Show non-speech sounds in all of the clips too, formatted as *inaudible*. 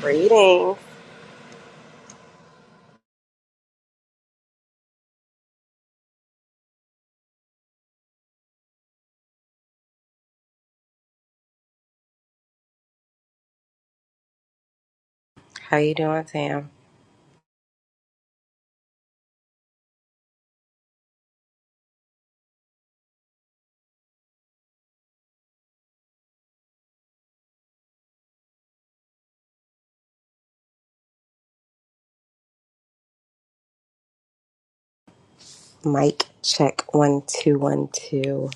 Greetings. How you doing, Tam? Mike, check one two one two.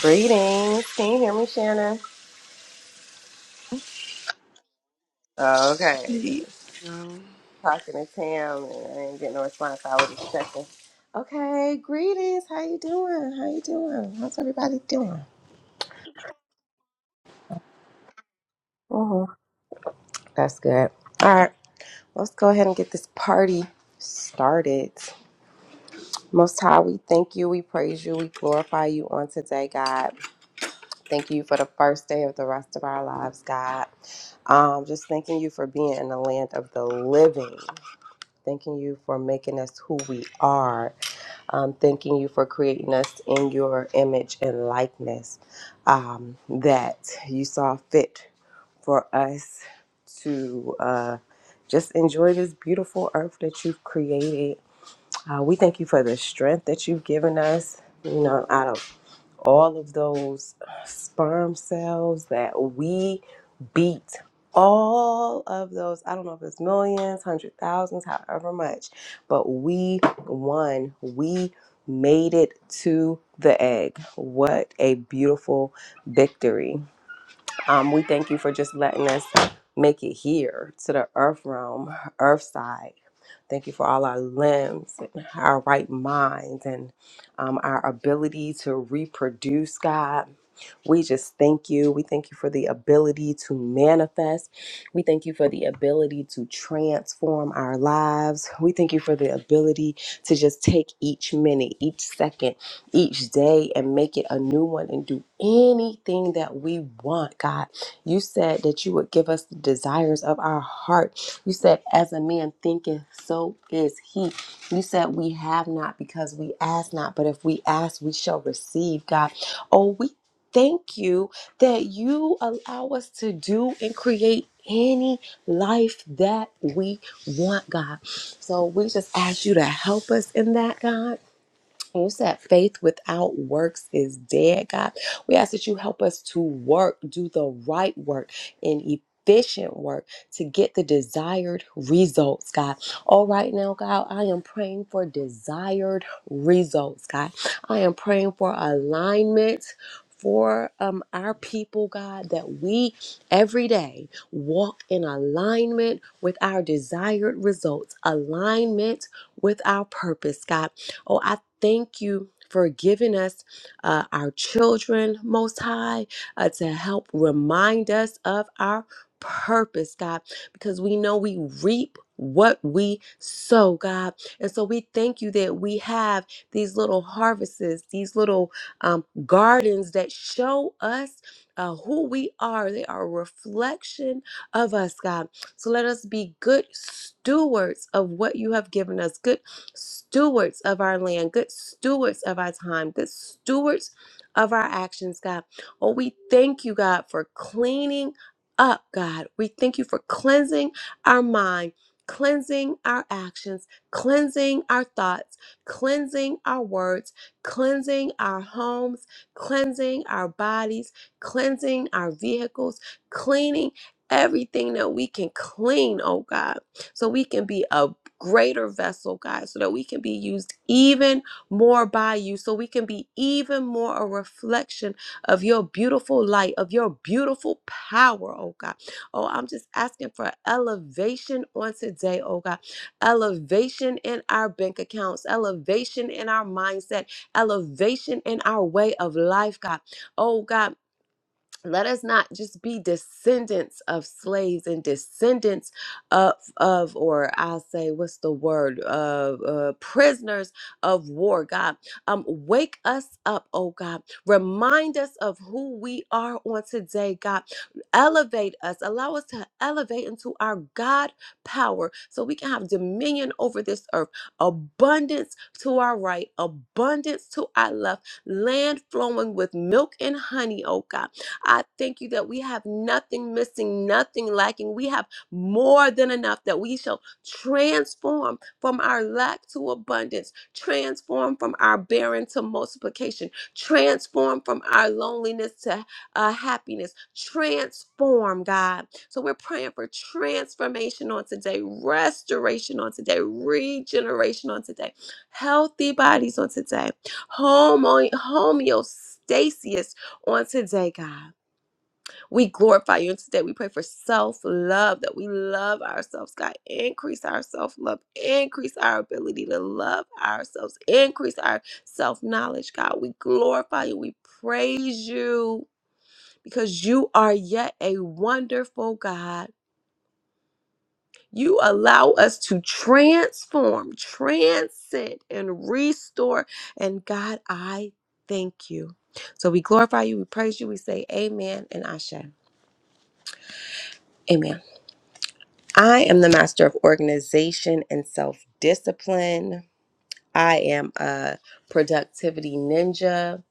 Greetings. Can you hear me, Shannon? Oh, okay. He- No. Talking to Tam and I didn't get no response. so I was just checking. Okay. Greetings. How you doing? How you doing? How's everybody doing? hmm That's good. All right. Let's go ahead and get this party started. Most High, we thank you, we praise you, we glorify you on today, God. Thank you for the first day of the rest of our lives, God. Um, just thanking you for being in the land of the living. Thanking you for making us who we are. Um, thanking you for creating us in your image and likeness um, that you saw fit for us to uh, just enjoy this beautiful earth that you've created. Uh, we thank you for the strength that you've given us. You know, out of all of those sperm cells that we beat all of those i don't know if it's millions hundred thousands however much but we won we made it to the egg what a beautiful victory um, we thank you for just letting us make it here to the earth realm earth side Thank you for all our limbs, and our right minds, and um, our ability to reproduce, God. We just thank you. We thank you for the ability to manifest. We thank you for the ability to transform our lives. We thank you for the ability to just take each minute, each second, each day and make it a new one and do anything that we want, God. You said that you would give us the desires of our heart. You said, as a man thinketh, so is he. You said, we have not because we ask not, but if we ask, we shall receive, God. Oh, we thank you that you allow us to do and create any life that we want, God. So we just ask you to help us in that, God. And you said faith without works is dead, God. We ask that you help us to work, do the right work and efficient work to get the desired results, God. All right now, God, I am praying for desired results, God. I am praying for alignment. For um, our people, God, that we every day walk in alignment with our desired results, alignment with our purpose, God. Oh, I thank you for giving us uh, our children, Most High, uh, to help remind us of our purpose, God, because we know we reap what we sow, God. And so we thank you that we have these little harvests, these little um, gardens that show us uh, who we are. They are a reflection of us, God. So let us be good stewards of what you have given us, good stewards of our land, good stewards of our time, good stewards of our actions, God. Oh, we thank you, God, for cleaning up, God. We thank you for cleansing our mind, cleansing our actions, cleansing our thoughts, cleansing our words, cleansing our homes, cleansing our bodies, cleansing our vehicles, cleaning everything that we can clean, oh God, so we can be a greater vessel, God, so that we can be used even more by you, so we can be even more a reflection of your beautiful light, of your beautiful power, oh God. Oh, I'm just asking for elevation on today, oh God. Elevation in our bank accounts, elevation in our mindset, elevation in our way of life, God. Oh God let us not just be descendants of slaves and descendants of of or i'll say what's the word uh, uh prisoners of war god um wake us up oh god remind us of who we are on today god elevate us allow us to elevate into our god power so we can have dominion over this earth abundance to our right abundance to our left land flowing with milk and honey oh god I thank you that we have nothing missing, nothing lacking. We have more than enough that we shall transform from our lack to abundance, transform from our barren to multiplication, transform from our loneliness to uh, happiness, transform, God. So we're praying for transformation on today, restoration on today, regeneration on today, healthy bodies on today, homo- homeostasis on today, God. We glorify you. And today we pray for self love, that we love ourselves. God, increase our self love, increase our ability to love ourselves, increase our self knowledge. God, we glorify you. We praise you because you are yet a wonderful God. You allow us to transform, transcend, and restore. And God, I thank you. So we glorify you, we praise you, we say amen and ashe. Amen. I am the master of organization and self discipline. I am a productivity ninja.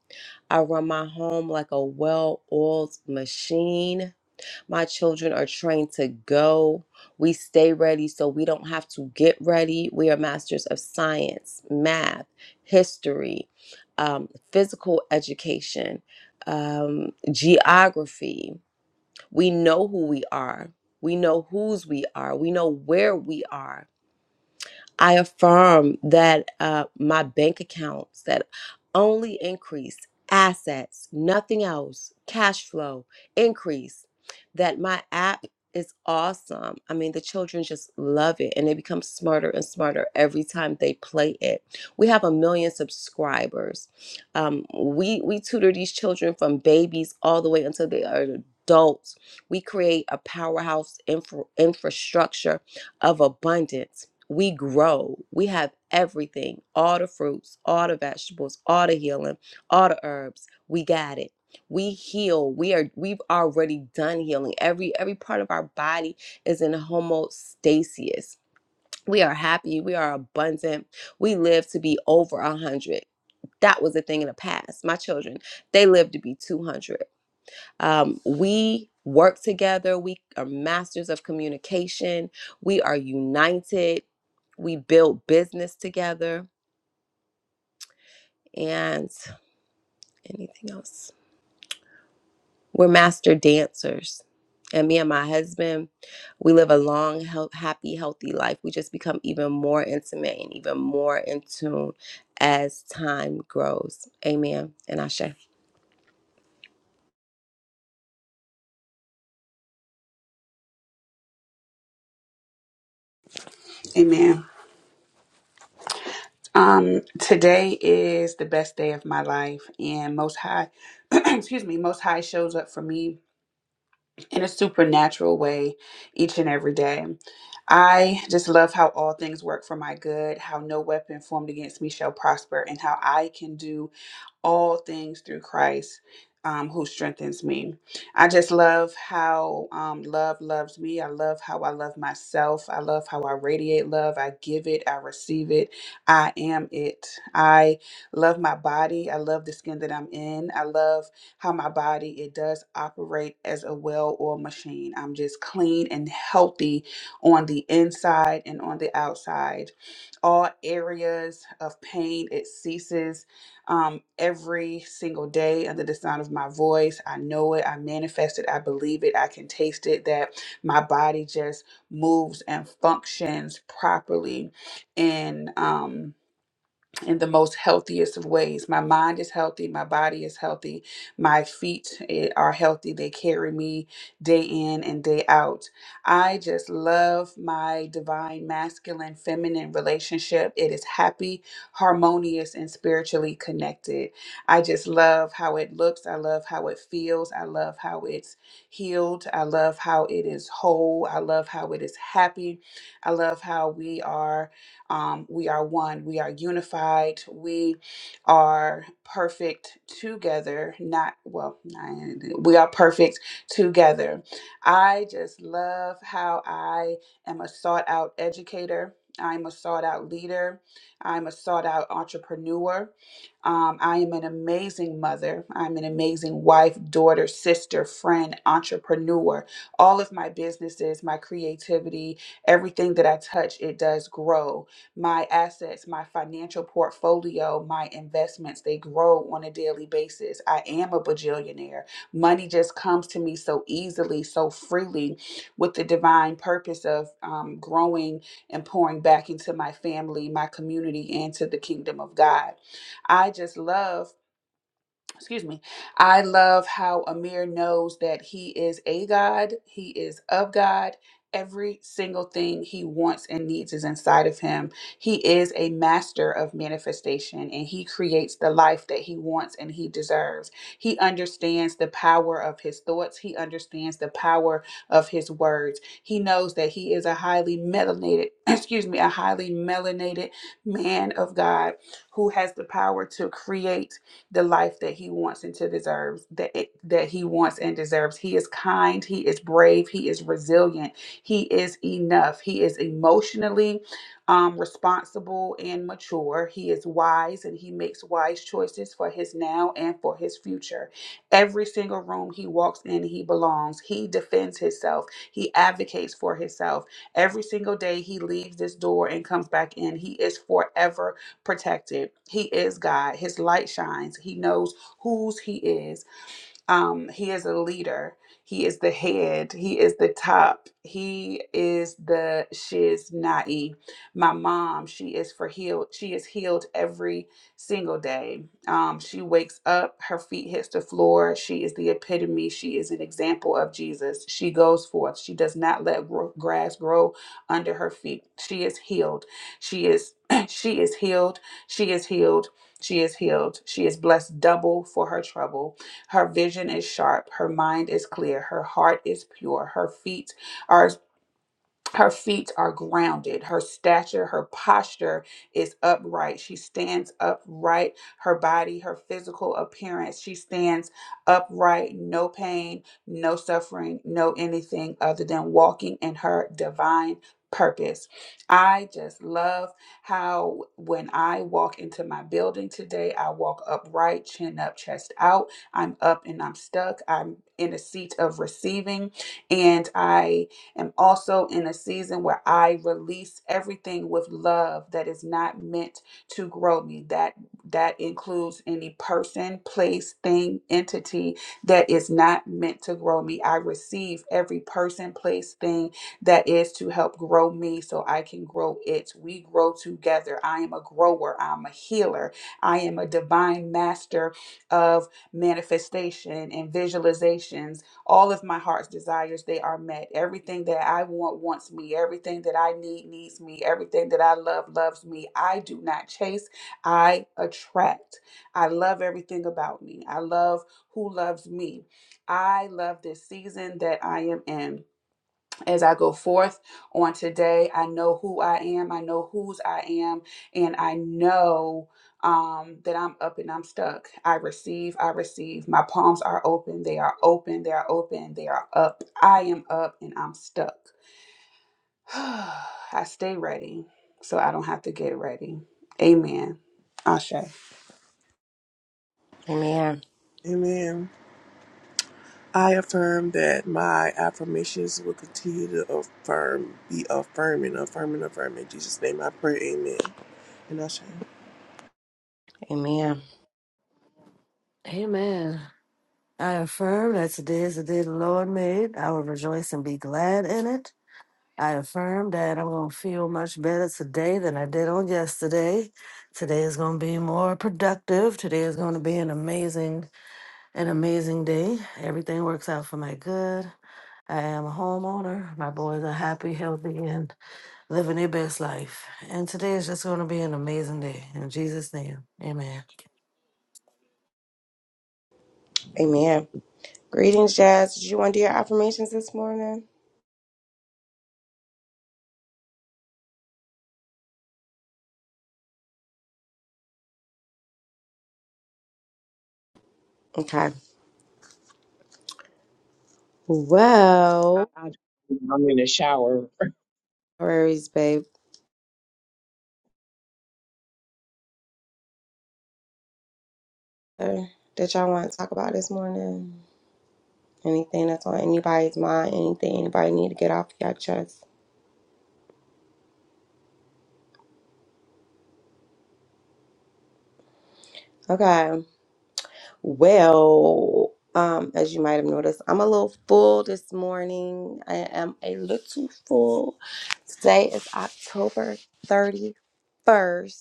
I run my home like a well oiled machine. My children are trained to go. We stay ready so we don't have to get ready. We are masters of science, math, history, um, physical education, um, geography. We know who we are. We know whose we are. We know where we are. I affirm that uh, my bank accounts that only increase assets, nothing else, cash flow increase, that my app is awesome. I mean, the children just love it and they become smarter and smarter every time they play it. We have a million subscribers. Um, we, we tutor these children from babies all the way until they are adults. We create a powerhouse infra- infrastructure of abundance we grow. We have everything all the fruits, all the vegetables, all the healing, all the herbs. We got it. We heal. We are we've already done healing. Every every part of our body is in homeostasis. We are happy. We are abundant. We live to be over a hundred. That was a thing in the past. My children, they lived to be 200. Um, we work together. We are masters of communication. We are united. We build business together. And anything else? We're master dancers. And me and my husband, we live a long, health, happy, healthy life. We just become even more intimate and even more in tune as time grows. Amen. And Ashe. Amen. Um, today is the best day of my life, and Most High, *clears throat* excuse me, Most High shows up for me in a supernatural way each and every day. I just love how all things work for my good, how no weapon formed against me shall prosper, and how I can do all things through Christ um, who strengthens me. I just love how um, love loves me. I love how I love myself. I love how I radiate love. I give it, I receive it. I am it. I love my body. I love the skin that I'm in. I love how my body it does operate as a well-oiled machine. I'm just clean and healthy on the inside and on the outside all areas of pain it ceases um, every single day under the sound of my voice. I know it. I manifest it. I believe it. I can taste it that my body just moves and functions properly. And, um, in the most healthiest of ways. My mind is healthy, my body is healthy, my feet eh, are healthy. They carry me day in and day out. I just love my divine masculine feminine relationship. It is happy, harmonious, and spiritually connected. I just love how it looks, I love how it feels, I love how it's healed, I love how it is whole, I love how it is happy. I love how we are um, we are one. We are unified. We are perfect together. Not, well, not- we are perfect together. I just love how I am a sought out educator. I'm a sought out leader. I'm a sought out entrepreneur. Um, I am an amazing mother. I'm an amazing wife, daughter, sister, friend, entrepreneur. All of my businesses, my creativity, everything that I touch, it does grow my assets, my financial portfolio, my investments, they grow on a daily basis. I am a bajillionaire. Money just comes to me so easily, so freely, with the divine purpose of um, growing and pouring back into my family, my community, and to the kingdom of God. I just love excuse me i love how amir knows that he is a god he is of god every single thing he wants and needs is inside of him he is a master of manifestation and he creates the life that he wants and he deserves he understands the power of his thoughts he understands the power of his words he knows that he is a highly melanated *clears throat* excuse me a highly melanated man of god who has the power to create the life that he wants and to deserves that it, that he wants and deserves. He is kind, he is brave, he is resilient, he is enough. He is emotionally um, responsible and mature. He is wise and he makes wise choices for his now and for his future. Every single room he walks in, he belongs. He defends himself. He advocates for himself. Every single day he leaves this door and comes back in, he is forever protected. He is God. His light shines. He knows whose He is um, he is a leader. He is the head. He is the top. He is the shiznai. My mom, she is for healed. She is healed every single day. Um, she wakes up, her feet hits the floor. She is the epitome. She is an example of Jesus. She goes forth. She does not let gro- grass grow under her feet. She is healed. She is *clears throat* she is healed. She is healed. She is healed. She is blessed double for her trouble. Her vision is sharp, her mind is clear, her heart is pure, her feet are her feet are grounded. Her stature, her posture is upright. She stands upright. Her body, her physical appearance, she stands upright. No pain, no suffering, no anything other than walking in her divine purpose. I just love how when I walk into my building today, I walk upright, chin up, chest out. I'm up and I'm stuck. I'm in a seat of receiving and I am also in a season where I release everything with love that is not meant to grow me. That that includes any person, place, thing, entity that is not meant to grow me. I receive every person, place, thing that is to help grow me so I can grow it. We grow together. I am a grower, I'm a healer. I am a divine master of manifestation and visualizations all of my heart's desires they are met everything that i want wants me everything that i need needs me everything that i love loves me i do not chase i attract i love everything about me i love who loves me i love this season that i am in as I go forth on today, I know who I am, I know whose I am, and I know um, that I'm up and I'm stuck. I receive, I receive. My palms are open, they are open, they are open, they are up. I am up and I'm stuck. *sighs* I stay ready so I don't have to get ready. Amen. Ashe. Amen. Amen. I affirm that my affirmations will continue to affirm, be affirming, affirming, affirming. In Jesus' name I pray, amen. And I shall. Amen. Amen. I affirm that today is the day the Lord made. I will rejoice and be glad in it. I affirm that I'm going to feel much better today than I did on yesterday. Today is going to be more productive. Today is going to be an amazing, an amazing day. Everything works out for my good. I am a homeowner. My boys are happy, healthy, and living their best life. And today is just going to be an amazing day. In Jesus' name, amen. Amen. Greetings, Jazz. Did you want to do your affirmations this morning? Okay. Well, I'll just- I'm in the shower. no worries, babe. Uh, That y'all want to talk about this morning? Anything that's on anybody's mind? Anything anybody need to get off your chest? Okay. Well, um, as you might have noticed, I'm a little full this morning. I am a little full. Today is October 31st,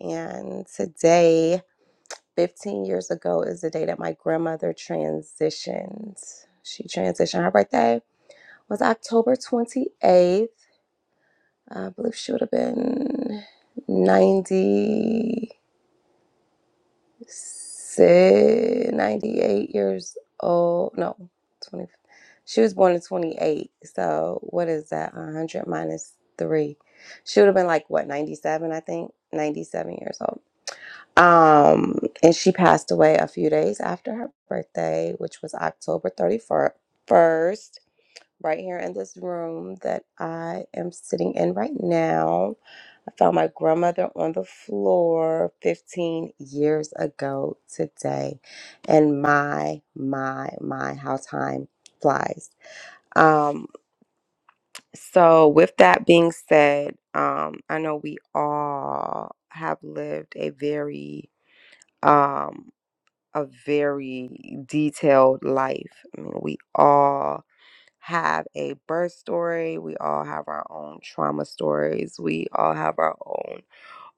and today, 15 years ago, is the day that my grandmother transitioned. She transitioned her birthday. was October 28th. I believe she would have been 96, ninety-eight years old. No, 20. She was born in 28. So what is that? 100 minus 3. She would have been like, what, 97, I think? 97 years old. Um, and she passed away a few days after her birthday, which was October 31st. right here in this room that I am sitting in right now. I found my grandmother on the floor 15 years ago today. And my, my, my, how time flies. Um, so, with that being said, um, I know we all have lived a very, um, a very detailed life. I mean, we all have a birth story. We all have our own trauma stories. We all have our own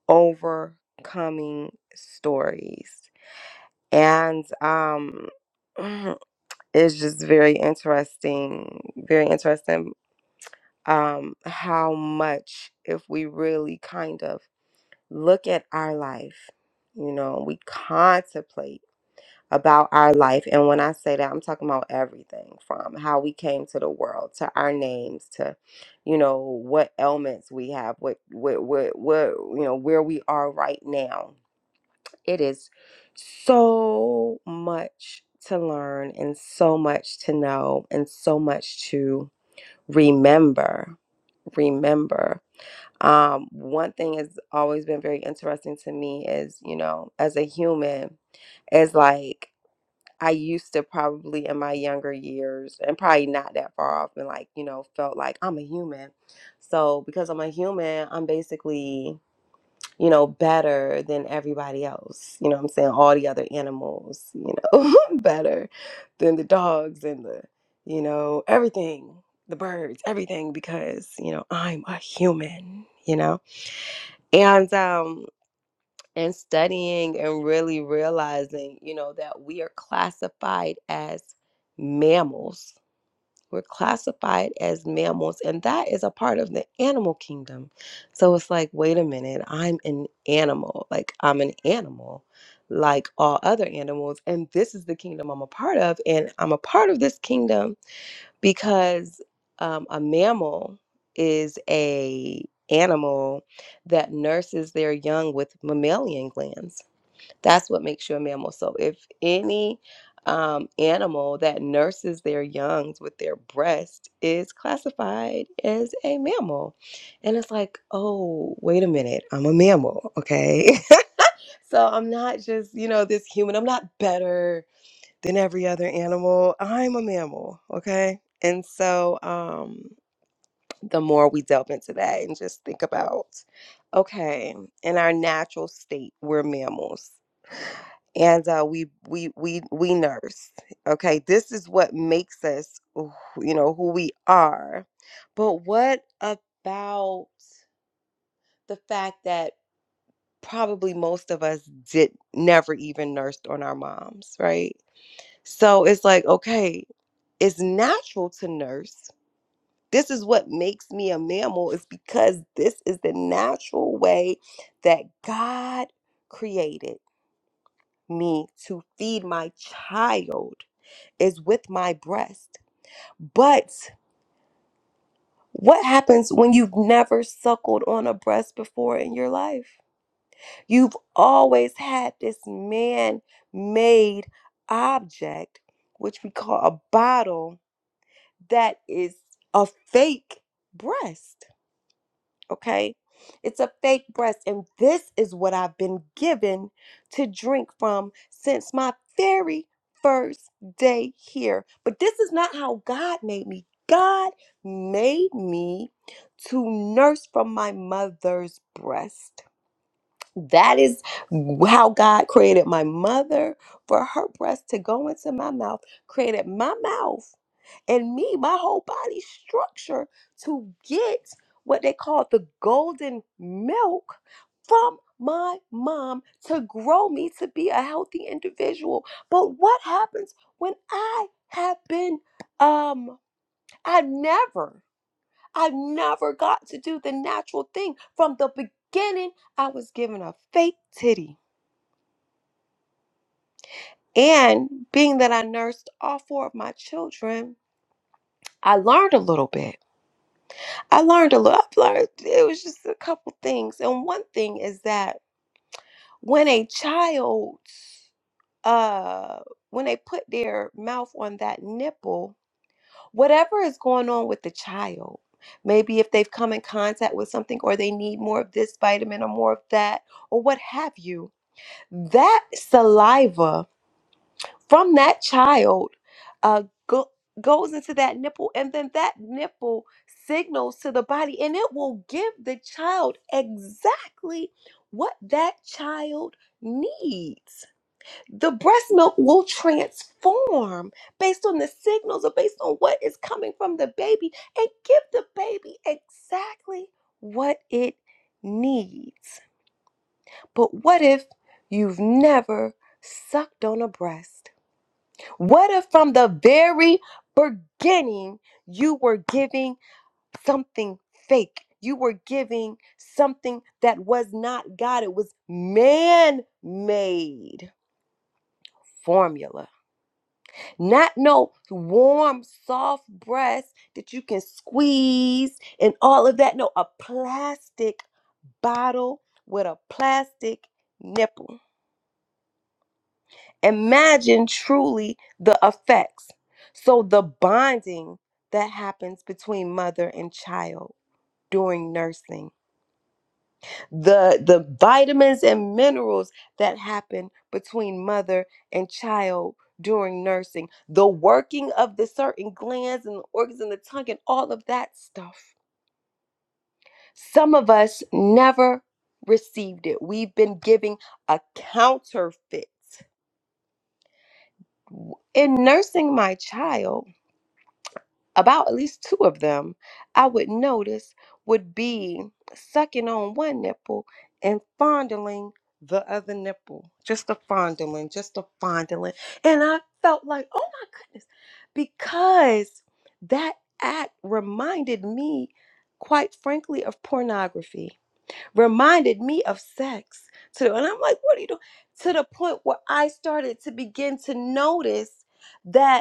overcoming stories. And um *clears throat* it's just very interesting, very interesting um how much if we really kind of look at our life, you know, we contemplate about our life. And when I say that, I'm talking about everything from how we came to the world to our names to, you know, what ailments we have, what, what, what, what, you know, where we are right now. It is so much to learn and so much to know and so much to remember. Remember. Um, one thing has always been very interesting to me is, you know, as a human, is like I used to probably in my younger years, and probably not that far off, and like, you know, felt like I'm a human. So because I'm a human, I'm basically, you know, better than everybody else. You know what I'm saying? All the other animals, you know, *laughs* better than the dogs and the, you know, everything, the birds, everything, because, you know, I'm a human, you know? And um and studying and really realizing, you know, that we are classified as mammals. We're classified as mammals, and that is a part of the animal kingdom. So it's like, wait a minute, I'm an animal. Like, I'm an animal, like all other animals. And this is the kingdom I'm a part of. And I'm a part of this kingdom because um, a mammal is a animal that nurses their young with mammalian glands. That's what makes you a mammal. So if any um, animal that nurses their youngs with their breast is classified as a mammal. And it's like, oh, wait a minute, I'm a mammal, okay? *laughs* so I'm not just, you know, this human, I'm not better than every other animal. I'm a mammal, okay? And so um, the more we delve into that and just think about, okay, in our natural state, we're mammals and uh, we we we we nurse. Okay, this is what makes us, who- you know, who we are. But what about the fact that probably most of us did never even nursed on our moms, right? So it's like, okay, it's natural to nurse. This is what makes me a mammal is because this is the natural way that God created me to feed my child is with my breast. But what happens when you've never suckled on a breast before in your life? You've always had this man made object, which we call a bottle, that is a fake breast. okay? It's a fake breast, and this is what I've been given to drink from since my very first day here. But this is not how God made me. God made me to nurse from my mother's breast. That is how God created my mother for her breast to go into my mouth, created my mouth and me, my whole body structure to get what they call the golden milk from my mom to grow me to be a healthy individual. But what happens when I have been, um, I've never I never got to do the natural thing. From the beginning, I was given a fake titty. And being that I nursed all four of my children, I learned a little bit. I learned a lot. I've learned it was just a couple things. And one thing is that when a child uh when they put their mouth on that nipple, whatever is going on with the child. Maybe if they've come in contact with something or they need more of this vitamin or more of that or what have you, that saliva from that child uh, go, goes into that nipple and then that nipple signals to the body and it will give the child exactly what that child needs the breast milk will transform based on the signals or based on what is coming from the baby and give the baby exactly what it needs. But what if you've never sucked on a breast? What if from the very beginning you were giving something fake? You were giving something that was not God, it was man made formula Not no warm, soft breast that you can squeeze and all of that. No, a plastic bottle with a plastic nipple. Imagine truly the effects. So, the bonding that happens between mother and child during nursing the the vitamins and minerals that happen between mother and child during nursing the working of the certain glands and the organs in the tongue and all of that stuff some of us never received it we've been giving a counterfeit in nursing my child about at least two of them I would notice would be sucking on one nipple and fondling the other nipple. Just a fondling, just a fondling. And I felt like, oh my goodness, because that act reminded me, quite frankly, of pornography, reminded me of sex too. And I'm like, what are you doing? To the point where I started to begin to notice that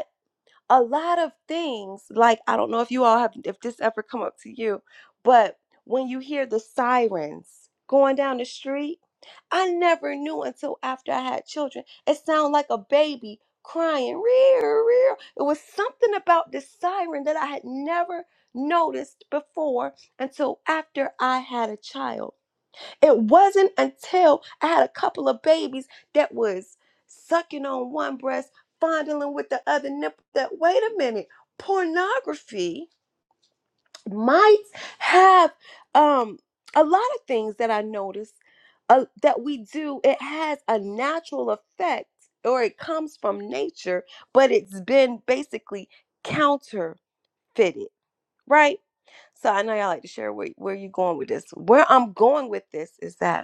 a lot of things like i don't know if you all have if this ever come up to you but when you hear the sirens going down the street i never knew until after i had children it sounded like a baby crying rear rear it was something about this siren that i had never noticed before until after i had a child it wasn't until I had a couple of babies that was sucking on one breast, fondling with the other nipple that, wait a minute, pornography might have um, a lot of things that I noticed uh, that we do. It has a natural effect or it comes from nature, but it's been basically counterfeited, right? So I know y'all like to share where, where you're going with this. Where I'm going with this is that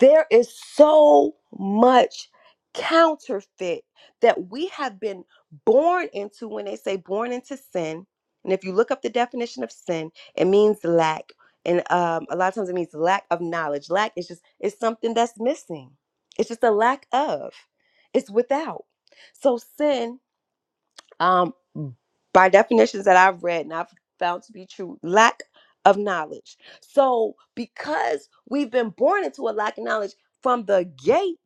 There is so much counterfeit that we have been born into when they say born into sin. And if you look up the definition of sin, it means lack. And um, a lot of times it means lack of knowledge. Lack is just, it's something that's missing. It's just a lack of, it's without. So sin. Um, by definitions that I've read and I've found to be true, lack of knowledge. So, because we've been born into a lack of knowledge from the gate,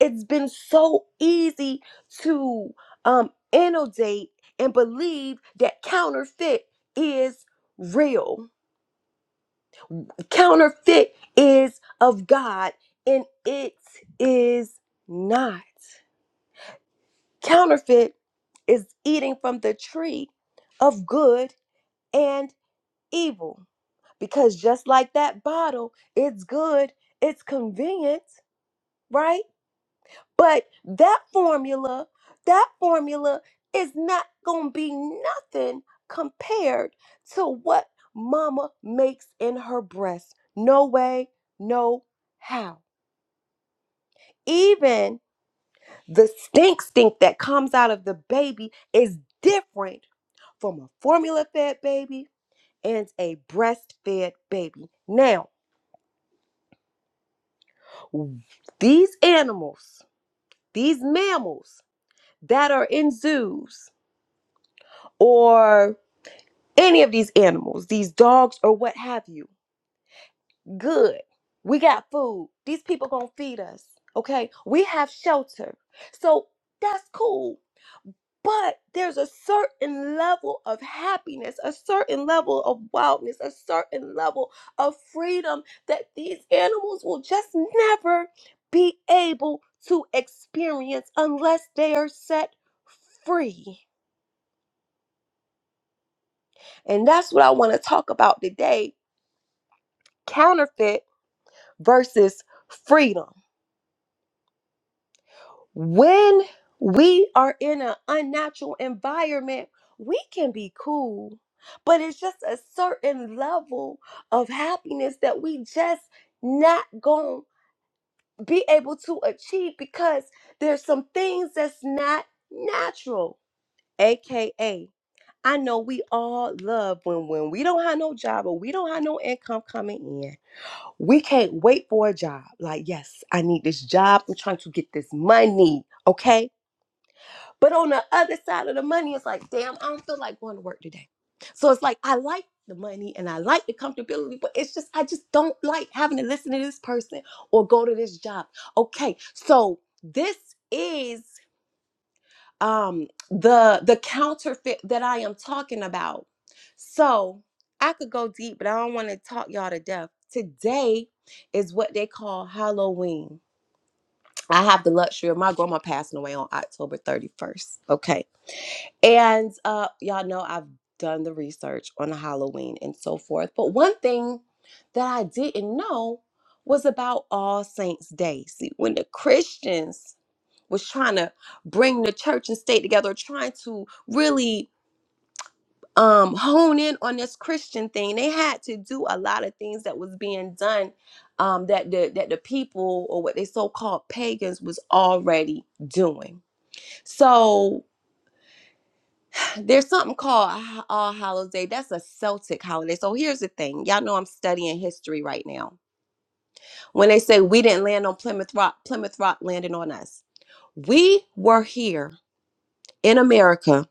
it's been so easy to um, inundate and believe that counterfeit is real. Counterfeit is of God and it is not. Counterfeit is eating from the tree of good and evil because just like that bottle, it's good, it's convenient, right? But that formula, that formula is not going to be nothing compared to what mama makes in her breast. No way, no how. Even the stink stink that comes out of the baby is different from a formula fed baby and a breastfed baby. Now, these animals These mammals that are in zoos or any of these animals, these dogs or what have you, good. We got food. These people gonna feed us. Okay. We have shelter. So that's cool. But there's a certain level of happiness, a certain level of wildness, a certain level of freedom that these animals will just never be able to experience unless they are set free. And that's what I want to talk about today counterfeit versus freedom. When we are in an unnatural environment, we can be cool, but it's just a certain level of happiness that we just not going to be able to achieve because there's some things that's not natural, aka. I know we all love when when we don't have no job or we don't have no income coming in We can't wait for a job. Like, yes, I need this job. I'm trying to get this money. Okay. But on the other side of the money, it's like, damn, I don't feel like going to work today. So it's like, I like the money and I like the comfortability, but it's just, I just don't like having to listen to this person or go to this job. Okay. So this is um the the counterfeit that I am talking about. So I could go deep, but I don't want to talk y'all to death. Today is what they call Halloween. I have the luxury of my grandma passing away on October 31st. Okay. And uh y'all know I've done the research on Halloween and so forth. But one thing that I didn't know was about All Saints Day. See, when the Christians was trying to bring the church and state together, trying to really um, hone in on this Christian thing. They had to do a lot of things that was being done um, that the that the people or what they so called pagans was already doing. So there's something called Ho- All Hallows Day. That's a Celtic holiday. So here's the thing, y'all know I'm studying history right now. When they say we didn't land on Plymouth Rock, Plymouth Rock landed on us. We were here in America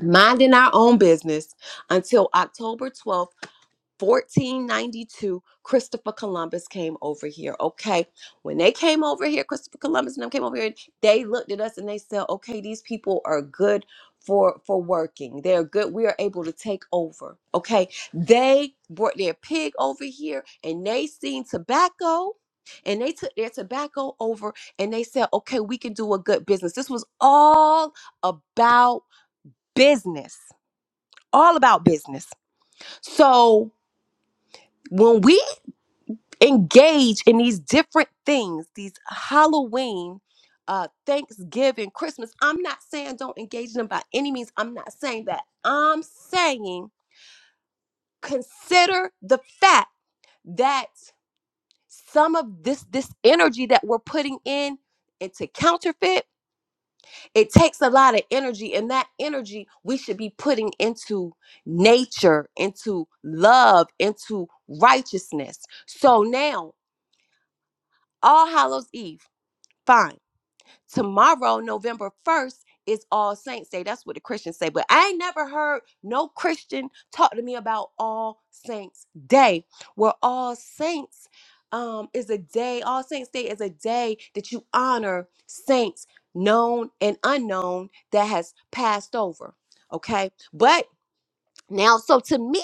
minding our own business until October 12th, 1492, Christopher Columbus came over here. Okay. When they came over here, Christopher Columbus and them came over here, they looked at us and they said, okay, these people are good for for working. They're good. We are able to take over. Okay. They brought their pig over here and they seen tobacco. And they took their tobacco over and they said, okay, we can do a good business. This was all about business all about business. So when we engage in these different things, these Halloween, uh, Thanksgiving, Christmas, I'm not saying don't engage in them by any means. I'm not saying that. I'm saying consider the fact that some of this this energy that we're putting in into counterfeit it takes a lot of energy and that energy we should be putting into nature into love into righteousness so now all hallows eve fine Tomorrow, November 1st, is All Saints Day. That's what the Christians say. But I ain't never heard no Christian talk to me about All Saints Day, where All Saints um, is a day, All Saints Day is a day that you honor saints, known and unknown, that has passed over. Okay. But now, so to me,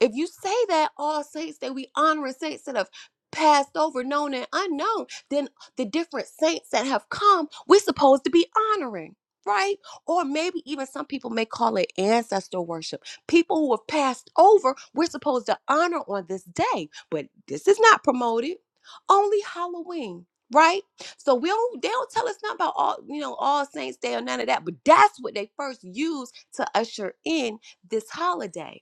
if you say that all saints that we honor and saints that have passed over, known and unknown, then the different saints that have come, we're supposed to be honoring. Right? Or maybe even some people may call it ancestor worship. People who have passed over, we're supposed to honor on this day, but this is not promoted. Only Halloween, right? So we don't they don't tell us nothing about all, you know, all saints day or none of that, but that's what they first use to usher in this holiday?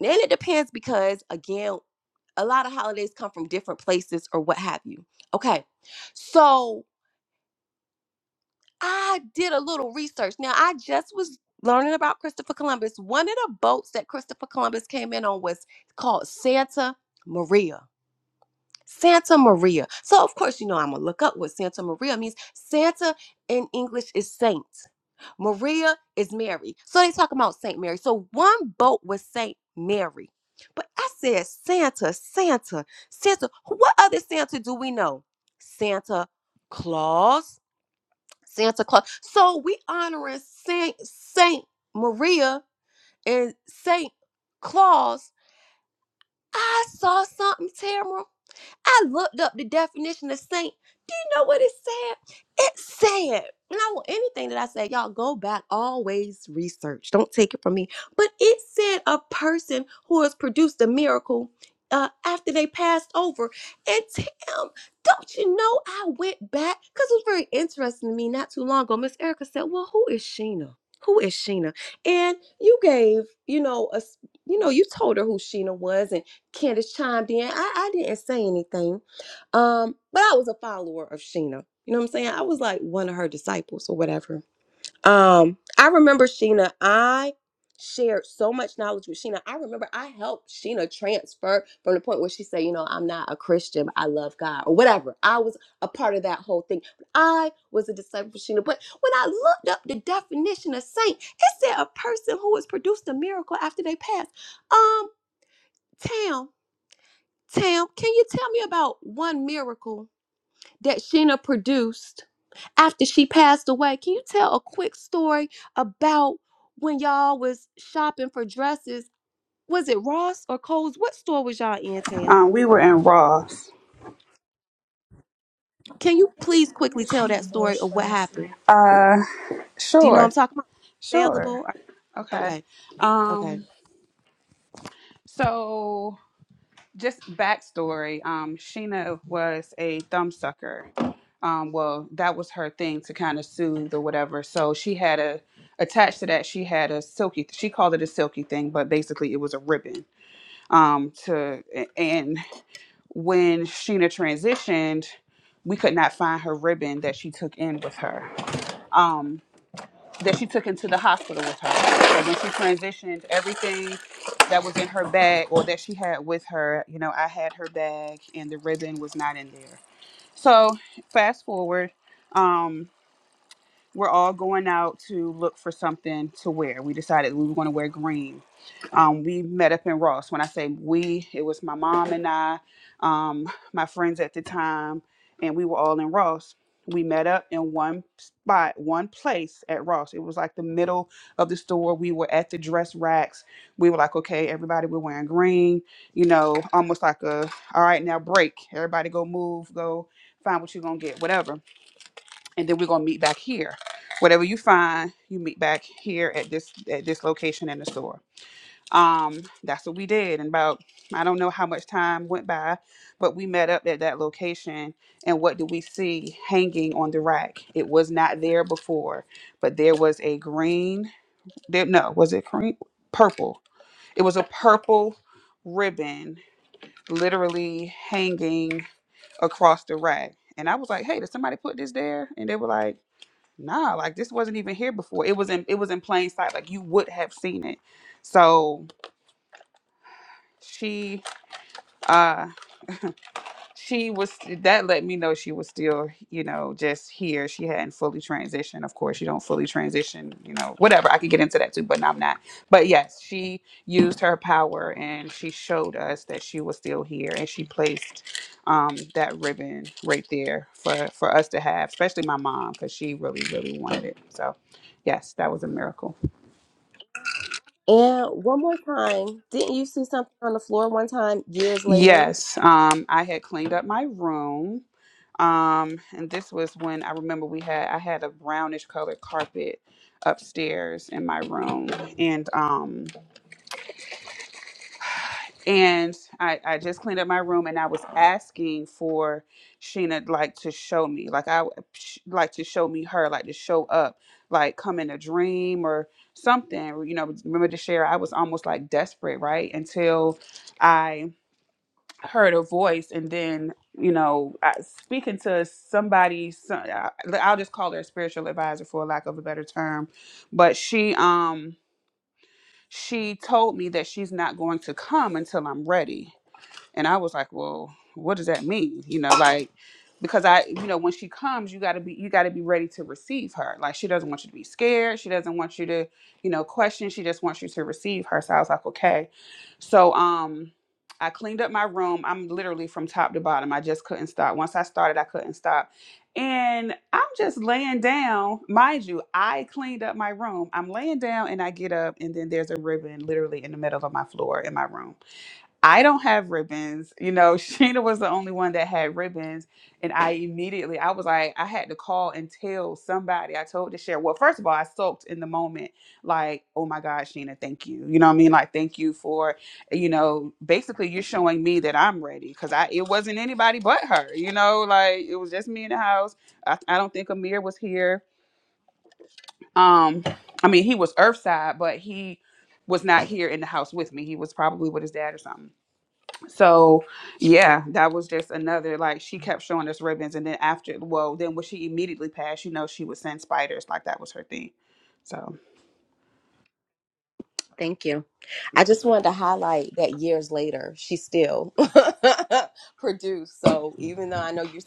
And it depends because, again, a lot of holidays come from different places or what have you. Okay, so I did a little research. Now, I just was learning about Christopher Columbus. One of the boats that Christopher Columbus came in on was called Santa Maria. Santa Maria. So, of course, you know, I'm going to look up what Santa Maria means. Santa in English is saint. Maria is Mary. So they talking about Saint Mary. So one boat was Saint Mary. But I said Santa, Santa, Santa. What other Santa do we know? Santa Claus. Santa Claus. So we honoring Saint Saint Maria and Saint Claus. I saw something, Tamara. I looked up the definition of saint. Do you know what it said? It said, and I want anything that I say, y'all go back, always research. Don't take it from me. But it said a person who has produced a miracle uh, after they passed over. And Tim, don't you know I went back? Because it was very interesting to me not too long ago. Miss Erica said, Well, who is Sheena? Who is Sheena? And you gave, you know, a you know, you told her who Sheena was, and Candace chimed in. I, I didn't say anything. Um, but I was a follower of Sheena. You know what I'm saying? I was like one of her disciples or whatever. Um, I remember Sheena, I shared so much knowledge with Sheena. I remember I helped Sheena transfer from the point where she said, you know, I'm not a Christian, but I love God or whatever. I was a part of that whole thing. I was a disciple of Sheena. But when I looked up the definition of saint, it said a person who has produced a miracle after they pass. Um, town. Tam, can you tell me about one miracle that Sheena produced after she passed away? Can you tell a quick story about when y'all was shopping for dresses? Was it Ross or Kohl's? What store was y'all in, Tam? Um, we were in Ross. Can you please quickly tell that story of what happened? Uh, Do you know what I'm sure, talking about? sure. Available? Are- Okay. Okay, okay. Um, So, just backstory. Um, Sheena was a thumbsucker. Um, well, that was her thing to kind of soothe or whatever. So she had a attached to that. She had a silky. She called it a silky thing, but basically it was a ribbon. Um, to and when Sheena transitioned, we could not find her ribbon that she took in with her. Um that she took into the hospital with her. So when she transitioned, everything that was in her bag or that she had with her, you know, I had her bag and the ribbon was not in there. So fast forward. Um, we're all going out to look for something to wear. We decided we were going to wear green. Um, we met up in Ross. When I say we, it was my mom and I, um, my friends at the time, and we were all in Ross. We met up in one spot, one place at Ross. It was like the middle of the store. We were at the dress racks. We were like, okay, everybody, we're wearing green, you know, almost like a, all right, now break. Everybody go move, go find what you're going to get, whatever and then we're gonna meet back here. Whatever you find, you meet back here at this at this location in the store. Um, that's what we did. And about I don't know how much time went by, but we met up at that location. And what do we see hanging on the rack? It was not there before, but there was a green. There, no, was it green? Purple. It was a purple ribbon, literally hanging across the rack. And I was like, "Hey, did somebody put this there?" And they were like nah, like this wasn't even here before. It was in it was in plain sight. Like you would have seen it. So she uh she was that let me know she was still, you know, just here. She hadn't fully transitioned. Of course, you don't fully transition, you know, whatever. I could get into that too, but no, I'm not. But yes, she used her power and she showed us that she was still here and she placed um that ribbon right there for for us to have, especially my mom, because she really, really wanted it. So yes, that was a miracle. And one more time, didn't you see something on the floor one time years later Yes, um, I had cleaned up my room, um, and this was when I remember we had I had a brownish colored carpet upstairs in my room, and um, and I I just cleaned up my room, and I was asking for Sheena like to show me, like I sh- like to show me her, like to show up, like come in a dream or something, you know. Remember to share? I was almost like desperate, right? Until. I. heard a voice and then you know I, speaking to somebody so- I, i'll just call her a spiritual advisor for lack of a better term but she um she told me that she's not going to come until i'm ready and I was like, well, what does that mean? You know, like because I, you know, when she comes, you gotta be you gotta be ready to receive her. Like she doesn't want you to be scared. She doesn't want you to, you know, question. She just wants you to receive her. So I was like, okay. So um I cleaned up my room. I'm literally from top to bottom. I just couldn't stop. Once I started, I couldn't stop. And I'm just laying down. Mind you, I cleaned up my room. I'm laying down and I get up, and then there's a ribbon literally in the middle of my floor in my room I don't have ribbons. You know, *laughs* Sheena was the only one that had ribbons. And I immediately, I was like, I had to call and tell somebody. I told the share. Well, first of all, I soaked in the moment, like, oh my God, Sheena, thank you. You know what I mean? Like, thank you for, you know, basically you're showing me that I'm ready. Cause I it wasn't anybody but her, you know, like it was just me in the house. I, I don't think Amir was here. Um, I mean, he was Earthside, but he was not here in the house with me. He was probably with his dad or something so yeah, that was just another like she kept showing us ribbons and then after well then when she immediately passed, you know, she would send spiders, like that was her thing. So Thank you. I just wanted to highlight that years later, she still *laughs* produced. So even though I know you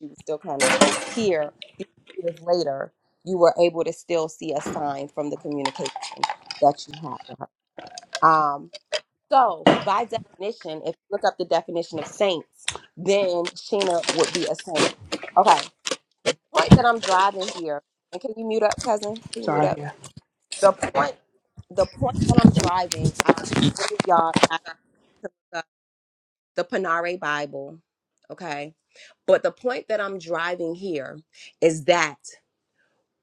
you were still kind of here, e, years later, you were able to still see a sign from the communication that you had with her. Um, so by definition, if you look up the definition of saints, then Sheena would be a saint. Okay. Point that I'm driving here, and can you mute up, cousin? Can you mute sorry. up? Yeah. The point, the point that I'm driving, I don't know if any of y'all got to look up the Panare Bible, okay? But the point that I'm driving here is that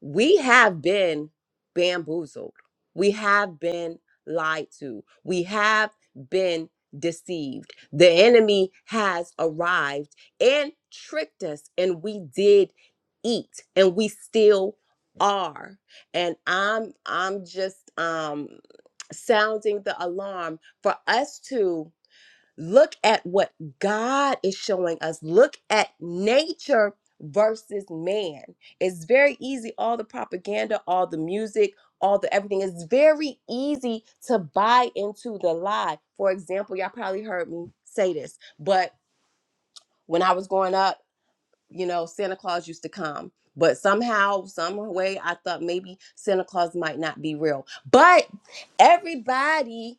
we have been bamboozled. We have been lied to. We have been deceived. The enemy has arrived and tricked us, and we did eat, and we still are. And I'm I'm just um sounding the alarm for us to Look at what God is showing us. Look at nature versus man. It's very easy. All the propaganda, all the music, all the everything. It's very easy to buy into the lie. For example, y'all probably heard me say this, but when I was growing up, you know, Santa Claus used to come. But somehow, some way, I thought maybe Santa Claus might not be real. But everybody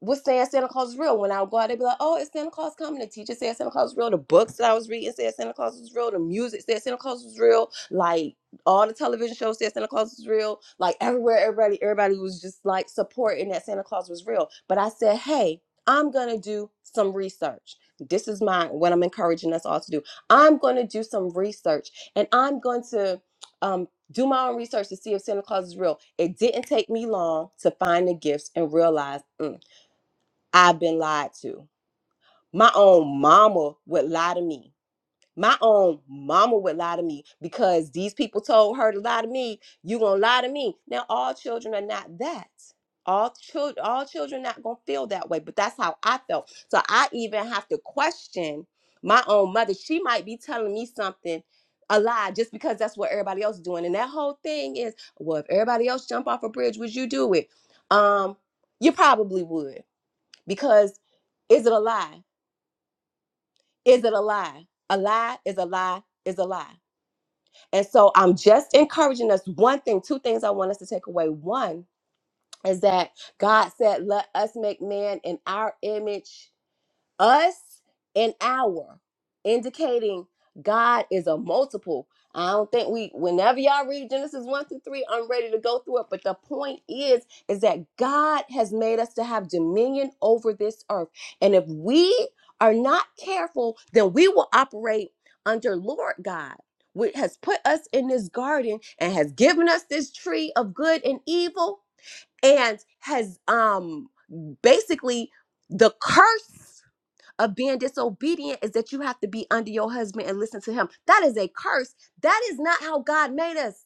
was saying Santa Claus is real. When I would go out, they'd be like, "Oh, it's Santa Claus coming." The teacher said Santa Claus is real. The books that I was reading said Santa Claus was real. The music said Santa Claus was real. Like all the television shows said Santa Claus was real. Like everywhere, everybody, everybody was just like supporting that Santa Claus was real. But I said, "Hey, I'm gonna do some research. This is my what I'm encouraging us all to do. I'm gonna do some research, and I'm going to." Um, do my own research to see if Santa Claus is real. It didn't take me long to find the gifts and realize. Mm, I've been lied to. My own mama would lie to me. My own mama would lie to me because these people told her to lie to me. You gonna lie to me. Now all children are not that. All children, all children not gonna feel that way, but that's how I felt. So I even have to question my own mother. She might be telling me something a lie just because that's what everybody else is doing. And that whole thing is, well, if everybody else jump off a bridge, would you do it? Um, you probably would because is it a lie? Is it a lie? A lie is a lie is a lie. And so I'm just encouraging us one thing, two things I want us to take away. One is that God said, Let us make man in our image us an hour indicating god is a multiple i don't think we whenever y'all read genesis 1 through 3 i'm ready to go through it but the point is is that god has made us to have dominion over this earth and if we are not careful then we will operate under lord god which has put us in this garden and has given us this tree of good and evil and has um basically the curse of being disobedient is that you have to be under your husband and listen to him. That is a curse. That is not how God made us.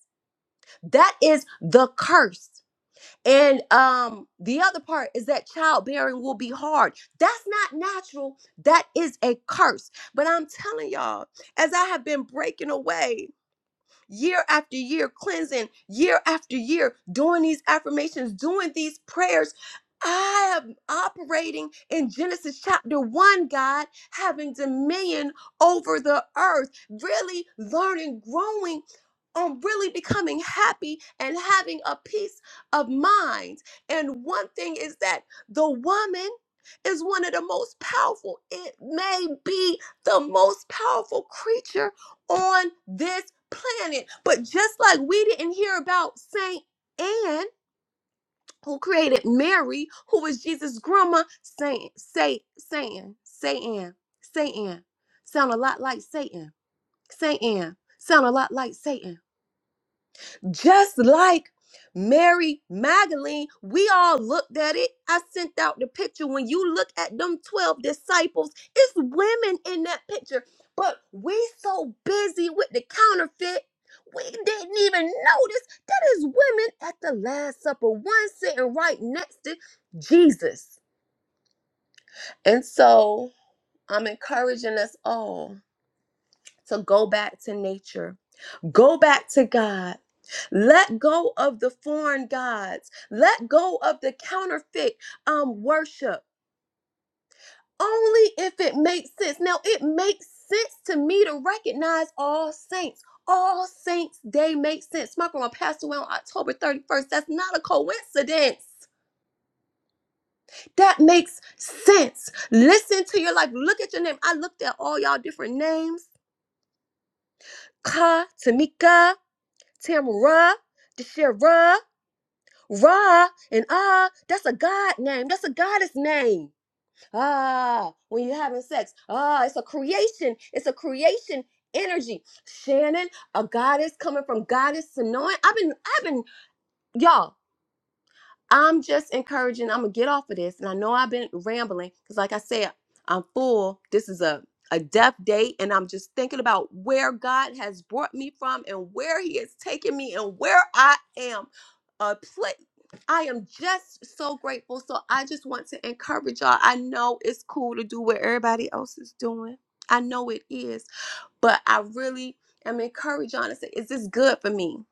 That is the curse. And um the other part is that childbearing will be hard. That's not natural. That is a curse. But I'm telling y'all, as I have been breaking away year after year, cleansing year after year, doing these affirmations, doing these prayers. I am operating in Genesis chapter 1, God, having dominion over the earth, really learning, growing, on really becoming happy and having a peace of mind. And one thing is that the woman is one of the most powerful, it may be the most powerful creature on this planet. But just like we didn't hear about Saint Anne, who created Mary, who was Jesus' grandma, Saint, Saint, Saint Satan, Saint Anne, sound a lot like Satan, Saint Anne, sound a lot like Satan. Just like Mary Magdalene, we all looked at it. I sent out the picture. When you look at them 12 disciples, it's women in that picture. But we so busy with the counterfeit, we didn't even notice that is women at the Last Supper, one sitting right next to Jesus. And so I'm encouraging us all to go back to nature Go back to God. Let go of the foreign gods. Let go of the counterfeit um, worship. Only if it makes sense. Now, it makes sense to me to recognize all saints. All Saints Day makes sense. My grandma passed away on October 31st. That's not a coincidence. That makes sense. Listen to your life. Look at your name. I looked at all y'all different names. Ka, Tamika, Tamara, Deshira. Ra and Ah, that's a God name. That's a goddess name. Ah, when you're having sex. Ah, it's a creation. It's a creation energy. Shannon, a goddess coming from goddess Sonoy. I've been, I've been, y'all. I'm just encouraging. I'm gonna get off of this, and I know I've been rambling because, like I said, I'm full. This is a a death date, and I'm just thinking about where God has brought me from, and where He has taken me, and where I am. A place. I am just so grateful. So I just want to encourage y'all. I know it's cool to do what everybody else is doing. I know it is, but I really am encouraged. y'all to say, is this good for me?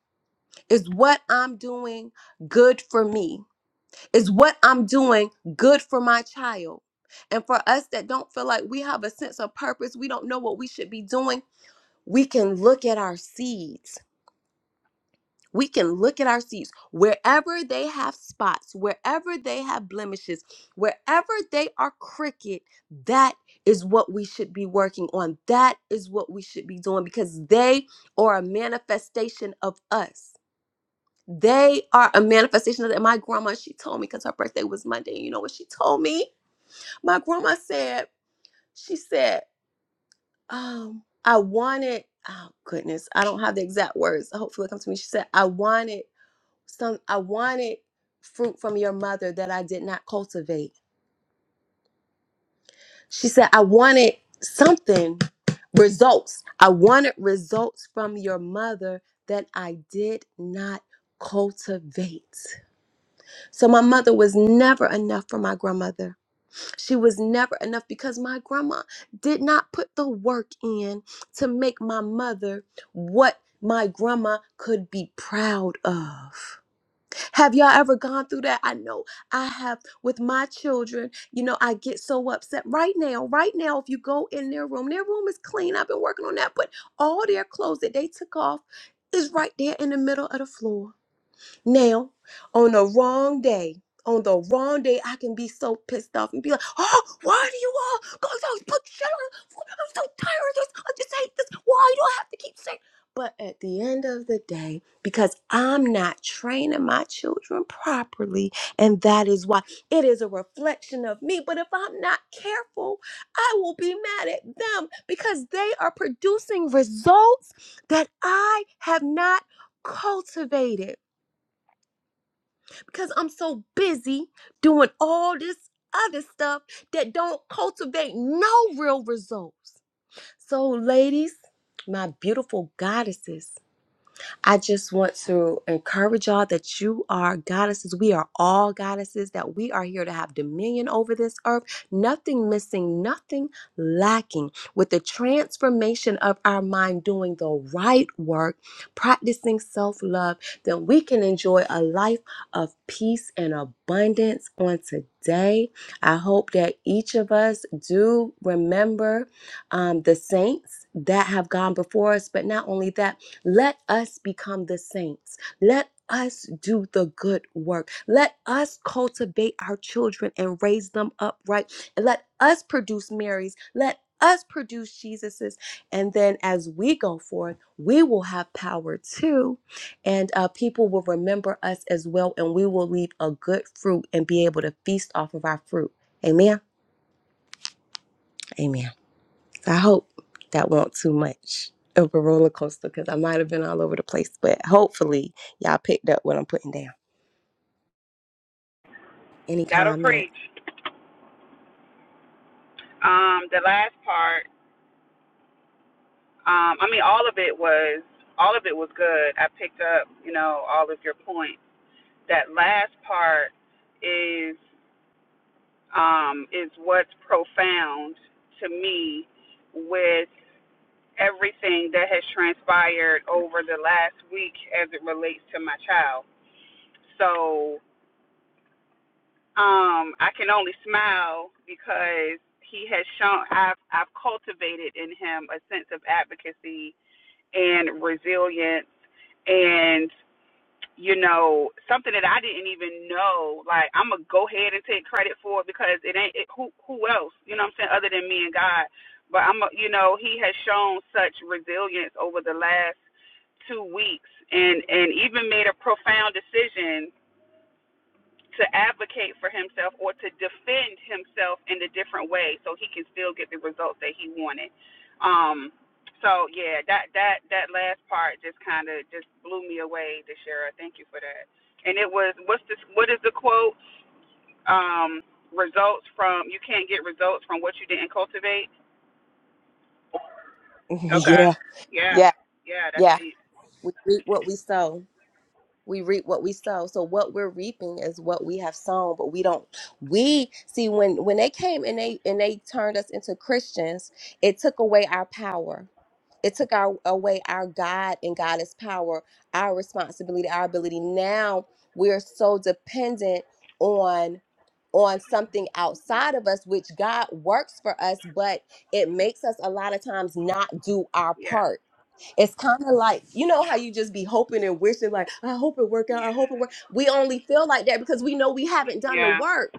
Is what I'm doing good for me? Is what I'm doing good for my child? And for us that don't feel like we have a sense of purpose, we don't know what we should be doing, we can look at our seeds. We can look at our seeds. Wherever they have spots, wherever they have blemishes, wherever they are crooked, that is what we should be working on. That is what we should be doing because they are a manifestation of us. They are a manifestation of that. My grandma, she told me because her birthday was Monday. You know what she told me? My grandma said, she said, um, I wanted, oh goodness, I don't have the exact words. so Hopefully it comes to me. She said, I wanted some, I wanted fruit from your mother that I did not cultivate. She said, I wanted something, results. I wanted results from your mother that I did not cultivate. So my mother was never enough for my grandmother She was never enough because my grandma did not put the work in to make my mother what my grandma could be proud of. Have y'all ever gone through that? I know I have with my children. You know, I get so upset right now. Right now, if you go in their room, their room is clean. I've been working on that, but all their clothes that they took off is right there in the middle of the floor. Now, on the wrong day, on the wrong day, I can be so pissed off and be like, oh, why do you all go so put shit on? I'm so tired of this. I just hate this. Why do I have to keep saying? But at the end of the day, because I'm not training my children properly, and that is why it is a reflection of me. But if I'm not careful, I will be mad at them because they are producing results that I have not cultivated because I'm so busy doing all this other stuff that don't cultivate no real results. So, ladies, my beautiful goddesses, I just want to encourage y'all that you are goddesses. We are all goddesses, that we are here to have dominion over this earth. Nothing missing, nothing lacking. With the transformation of our mind, doing the right work, practicing self love, then we can enjoy a life of peace and abundance on today. I hope that each of us do remember um, the saints that have gone before us, but not only that let us become the saints. Let us do the good work. Let us cultivate our children and raise them up right. And let us produce Marys. Let us produce Jesuses. And then as we go forth, we will have power too. And uh, people will remember us as well. And we will leave a good fruit and be able to feast off of our fruit. Amen. Amen. I hope that won't too much of a roller coaster because I might have been all over the place, but hopefully y'all picked up what I'm putting down. Any That'll comment? preach. Um, the last part, um, I mean, all of it was all of it was good. I picked up, you know, all of your points. That last part is um, is what's profound to me with. everything that has transpired over the last week as it relates to my child. So um, I can only smile because he has shown I've I've cultivated in him a sense of advocacy and resilience and. you know, something that I didn't even know. Like I'm gonna go ahead and take credit for it because it ain't it, who who else, you know what I'm saying, other than me and God. But I'm, a, you know, He has shown such resilience over the last two weeks, and and even made a profound decision to advocate for himself or to defend himself in a different way so he can still get the results that he wanted. Um so yeah, that that that last part just kind of just blew me away, Deshara. Thank you for that. And it was what's this what is the quote? Um results from you can't get results from what you didn't cultivate. *laughs* Okay. yeah, Yeah. yeah, Yeah, that's yeah. deep. We reap what we sow. we reap what we sow so what we're reaping is what we have sown but we don't we see when when they came and they and they turned us into christians it took away our power it took our away our god and goddess power our responsibility our ability now we're so dependent on on something outside of us which god works for us but it makes us a lot of times not do our Yeah. part it's kind of like you know how you just be hoping and wishing, like I hope it work out. I Yeah. hope it work. We only feel like that because we know we haven't done the Yeah. work,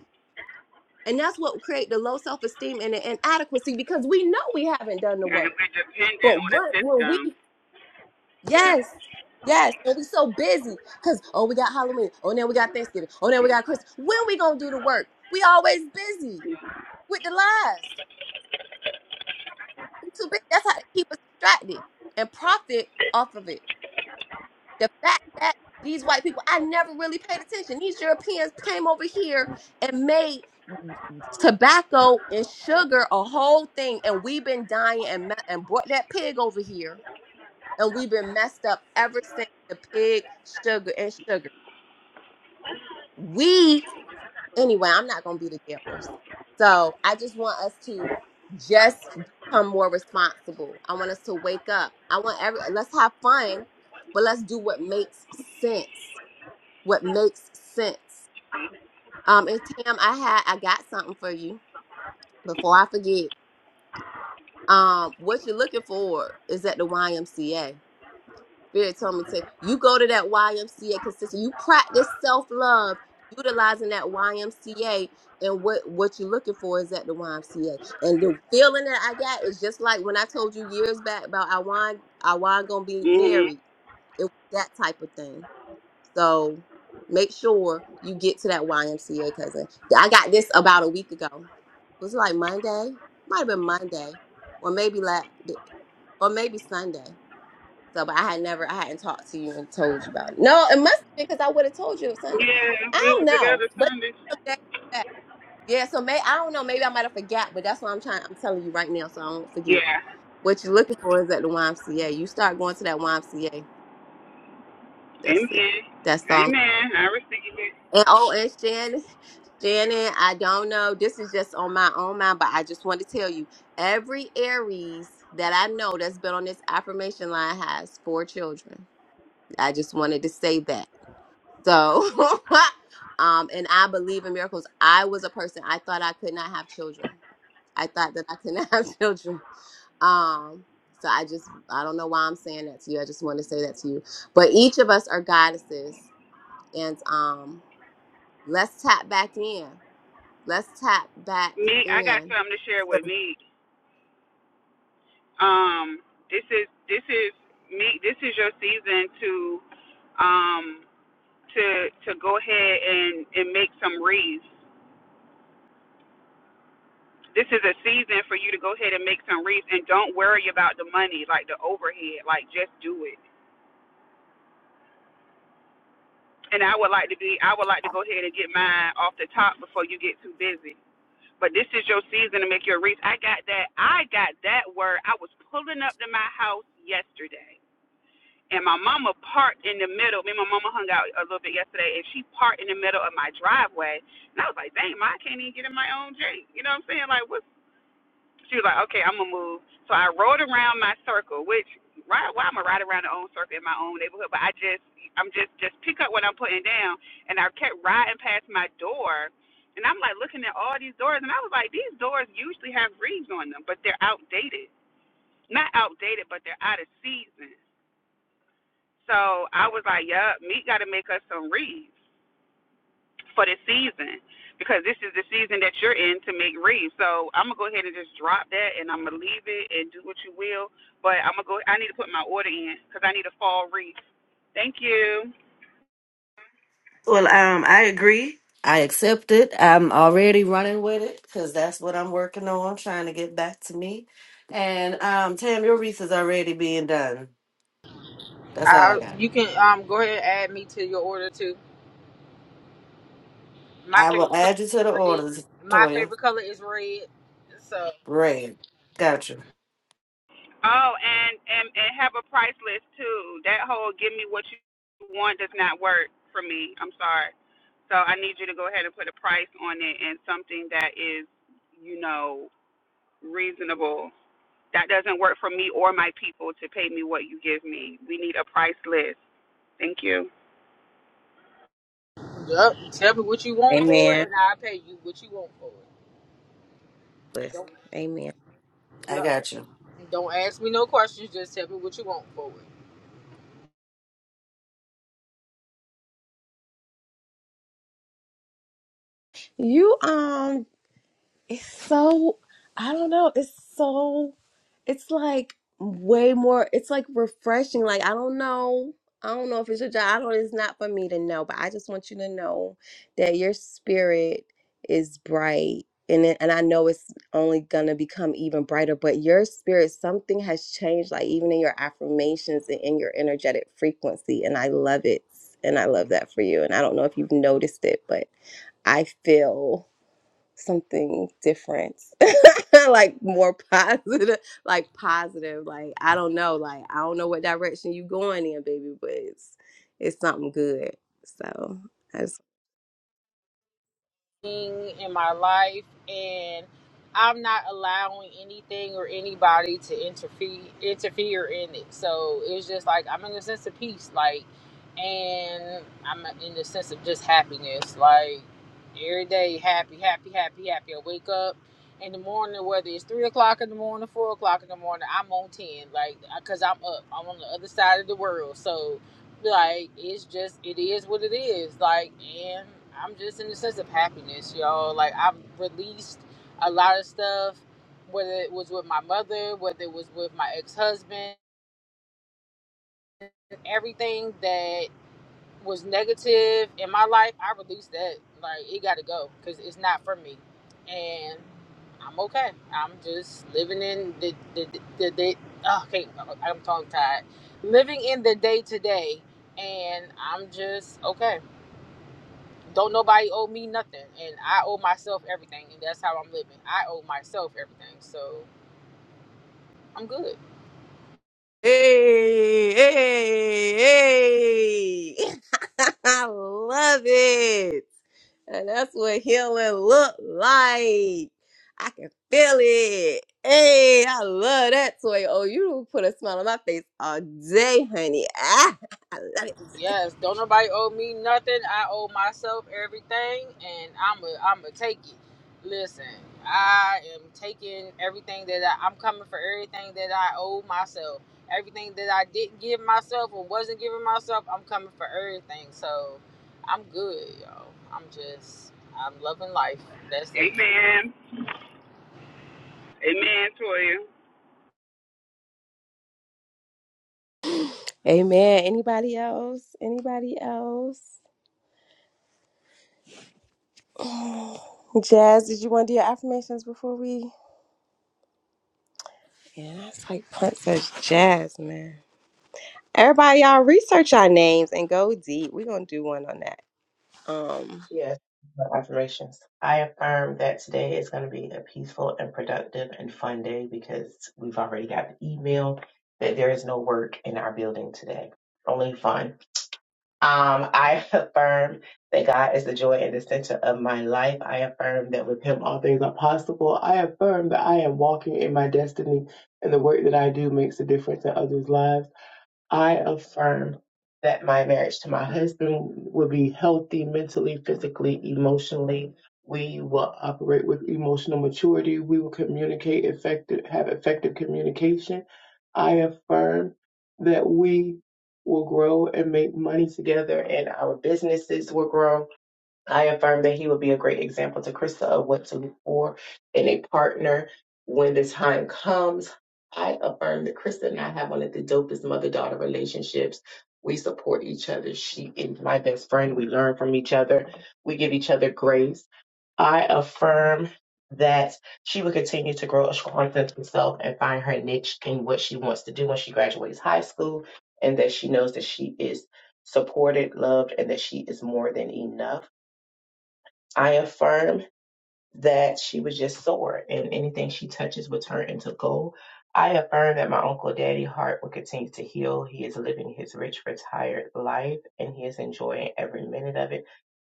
and that's what create the low self esteem and the inadequacy because we know we haven't done the Yeah, and work. we're dependent But on a what when we system. Yeah. yes yes and we so busy because oh we got Halloween oh now we got Thanksgiving oh now we got Christmas when we gonna do the work? We always busy with the lies. We too busy. That's how they keep us distracted and profit off of it. the fact that these white people, I never really paid attention. These Europeans came over here and made tobacco and sugar a whole thing, and we've been dying and me- and brought that pig over here, and we've been messed up ever since the pig, sugar, and sugar. We anyway, I'm not gonna be the dead horse. So I just want us to just become more responsible. I want us to wake up. I want every let's have fun, but let's do what makes sense what makes sense. Um, and Tam, I had I got something for you before I forget. Um, what you're looking for is at the YMCA. Spirit told me to you go to that YMCA consistent. You practice self love utilizing that YMCA, and what what you're looking for is at the YMCA. And the feeling that I got is just like when I told you years back about I want I want gonna be Mhm. married. It was that type of thing. So make sure you get to that YMCA, cousin. I got this about a week ago. Was it like Monday? Might have been Monday, or maybe like, or maybe Sunday. So, but I had never, I hadn't talked to you and told you about it. No, it must have been because I would have told you it was Sunday. Yeah, I we don't were know, together but Sunday. some days back. yeah. So may I don't know. Maybe I might have forgot, but that's why I'm trying. I'm telling you right now, so I don't forget. Yeah. What you're looking for is at the YMCA. You start going to that YMCA. That's it. Amen. That's all. Amen. I receive it. And oh, and Shannon. Shannon, I don't know. This is just on my own mind, but I just want to tell you every Aries that I know that's been on this affirmation line has four children. I just wanted to say that. So, *laughs* um, and I believe in miracles. I was a person, I thought I could not have children. I thought that I could not *laughs* have children. Um, so I just, I don't know why I'm saying that to you. I just want to say that to you. But each of us are goddesses. And um, let's tap back in. Let's tap back Me, I got in. something to share with me. Um, this is this is me. This is your season to um to to go ahead and and make some wreaths. This is a season for you to go ahead and make some wreaths, and don't worry about the money, like the overhead. Like just do it. And I would like to be. I would like to go ahead and get mine off the top before you get too busy. but this is your season to make your reach. I got that. I got that word. I was pulling up to my house yesterday, and my mama parked in the middle. Me and my mama hung out a little bit yesterday, and she parked in the middle of my driveway. And I was like, "Dang, ma, I can't even get in my own Jeep." You know what I'm saying? Like, what's she was like, okay, I'm gonna move. So I rode around my circle, which why why I'm gonna ride around the own circle in my own neighborhood? But I just I'm just just pick up what I'm putting down, and I kept riding past my door, and I'm like looking at all these doors, and I was like, these doors usually have reeds on them, but they're outdated. Not outdated, but they're out of season. So I was like, yup, meat got to make us some reeds for this season because this is the season that you're in to make reads. So I'm gonna go ahead and just drop that and I'm gonna leave it and do what you will. But I'm gonna go. I need to put my order in because I need a fall wreath. Thank you. Well, um, I agree. I accept it. I'm already running with it because that's what I'm working on, trying to get back to me. And um, Tam, your wreath is already being done. That's all I I, got. you can um go ahead and add me to your order too. My I will favorite color add you to is the red. orders, My Toya. favorite color is red. So Great. Got you. Oh, and and and have a price list too. That whole give me what you want does not work for me. I'm sorry. So I need you to go ahead and put a price on it and something that is, you know, reasonable That doesn't work for me or my people to pay me what you give me. We need a price list. Thank you. yep, tell me what you want for it, Amen. and I'll pay you what you want for it. Listen, Amen. I got you. Don't ask me no questions. Just tell me what you want for it. You um, it's so I don't know. It's so. it's like way more it's like refreshing like i don't know i don't know if it's your job i don't it's not for me to know but i just want you to know that your spirit is bright and it, and i know it's only gonna become even brighter but your spirit something has changed like even in your affirmations and in your energetic frequency and i love it and i love that for you and i don't know if you've noticed it but i feel something different *laughs* like more positive like positive like i don't know like i don't know what direction you going in baby but it's it's something good so in my life and I'm not allowing anything or anybody to interfere interfere in it. So it's just like I'm in a sense of peace, like and I'm in the sense of just happiness. Like every day happy, happy, happy, happy. I wake up in the morning, whether it's three o'clock in the morning, four o'clock in the morning, I'm on ten, like because I'm up. I'm on the other side of the world. So like it's just it is what it is like and i'm just in a sense of happiness y'all like i've released a lot of stuff whether it was with my mother whether it was with my ex-husband everything that was negative in my life i released that like it gotta go because it's not for me and i'm okay i'm just living in the the the, the oh, okay i'm tongue tied living in the day to day and i'm just okay Don't nobody owe me nothing, and I owe myself everything, and that's how I'm living. I owe myself everything, so I'm good. Hey, hey, hey. *laughs* I love it. And that's what healing look like. I can feel it. Hey, I love that toy. Oh, you put a smile on my face all day, honey. Ah, *laughs* I love Yes, don't nobody owe me nothing. I owe myself everything, and I'm a I'm a take it. Listen, I am taking everything that I, I'm coming for everything that I owe myself. Everything that I didn't give myself or wasn't giving myself, I'm coming for everything. So I'm good, y'all. I'm just I'm loving life. That's it. Amen. Amen, Toya. it. Amen. Anybody else? Anybody else? Jazz, did you want to do your affirmations before we? Yeah, that's like Punt says jazz, man. Everybody, y'all research our names and go deep. We're gonna do one on that. Um, Yes. the Affirmations. I affirm that today is going to be a peaceful and productive and fun day because we've already got the email that there is no work in our building today, only fun. Um, I *laughs* affirm that God is the joy and the center of my life. I affirm that with Him all things are possible. I affirm that I am walking in my destiny and the work that I do makes a difference in others' lives. I affirm that my marriage to my husband will be healthy mentally, physically, emotionally. We will operate with emotional maturity. We will communicate effective, have effective communication. I affirm that we will grow and make money together and our businesses will grow I affirm that he will be a great example to Krista of what to look for in a partner when the time comes. I affirm that Krista and I have one of the dopest mother daughter relationships. We support each other. She is my best friend. We learn from each other. We give each other grace. I affirm that she will continue to grow a strong sense of herself and find her niche in what she wants to do when she graduates high school, and that she knows that she is supported, loved, and that she is more than enough. I affirm that she was just sore and anything she touches will turn into gold. I affirm that my Uncle Daddy heart will continue to heal. He is living his rich, retired life and he is enjoying every minute of it.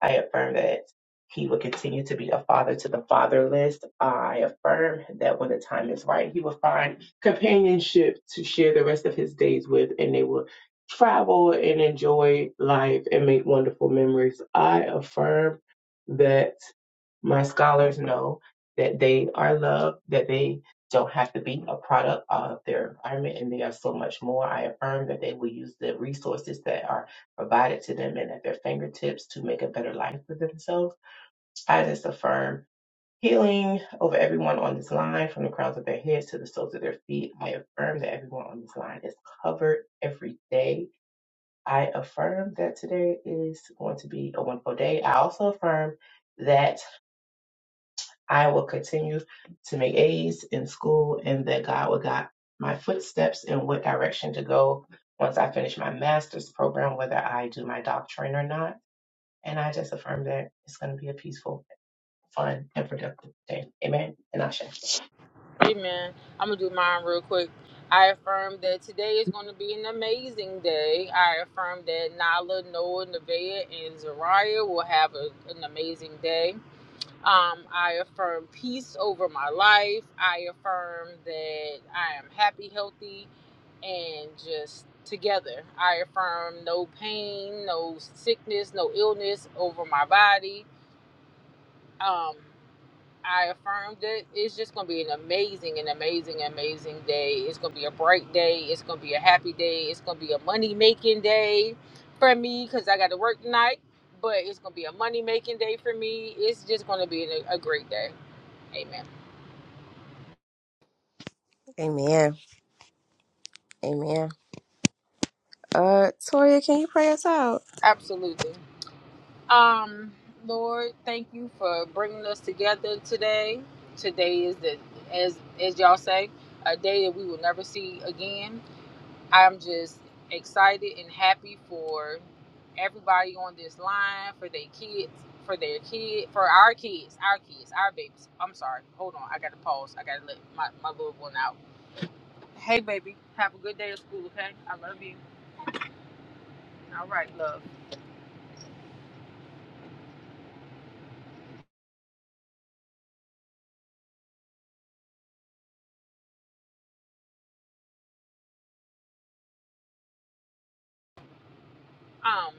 I affirm that he will continue to be a father to the fatherless. I affirm that when the time is right, he will find companionship to share the rest of his days with, and they will travel and enjoy life and make wonderful memories. I affirm that my scholars know that they are loved, that they don't have to be a product of their environment, and they are so much more. I affirm that they will use the resources that are provided to them and at their fingertips to make a better life for themselves. I just affirm healing over everyone on this line, from the crowns of their heads to the soles of their feet. I affirm that everyone on this line is covered every day. I affirm that today is going to be a wonderful day. I also affirm that I will continue to make A's in school and that God will guide my footsteps in what direction to go once I finish my master's program, whether I do my doctorate or not. And I just affirm that it's going to be a peaceful, fun, and productive day. Amen. And Asha. Amen. I'm gonna do mine real quick. I affirm that today is going to be an amazing day. I affirm that Nala, Noah, Nevaeh, and Zariah will have a, an amazing day. Um, I affirm peace over my life. I affirm that I am happy, healthy, and just together. I affirm no pain, no sickness, no illness over my body. Um, I affirmed it. It's just going to be an amazing, an amazing, amazing day. It's going to be a bright day. It's going to be a happy day. It's going to be a money making day for me because I got to work tonight. But it's going to be a money making day for me. It's just going to be a, a great day. Amen. Amen. Amen. uh, Toria, can you pray us out? Absolutely. Um, Lord, thank you for bringing us together today. Today is the as as y'all say, a day that we will never see again. I'm just excited and happy for everybody on this line, for their kids, for their kid, for our kids, our kids, our babies. I'm sorry. Hold on. I got to pause. I got to let my, my little one out. Hey, baby. Have a good day at school, okay? I love you. All right, love. Um,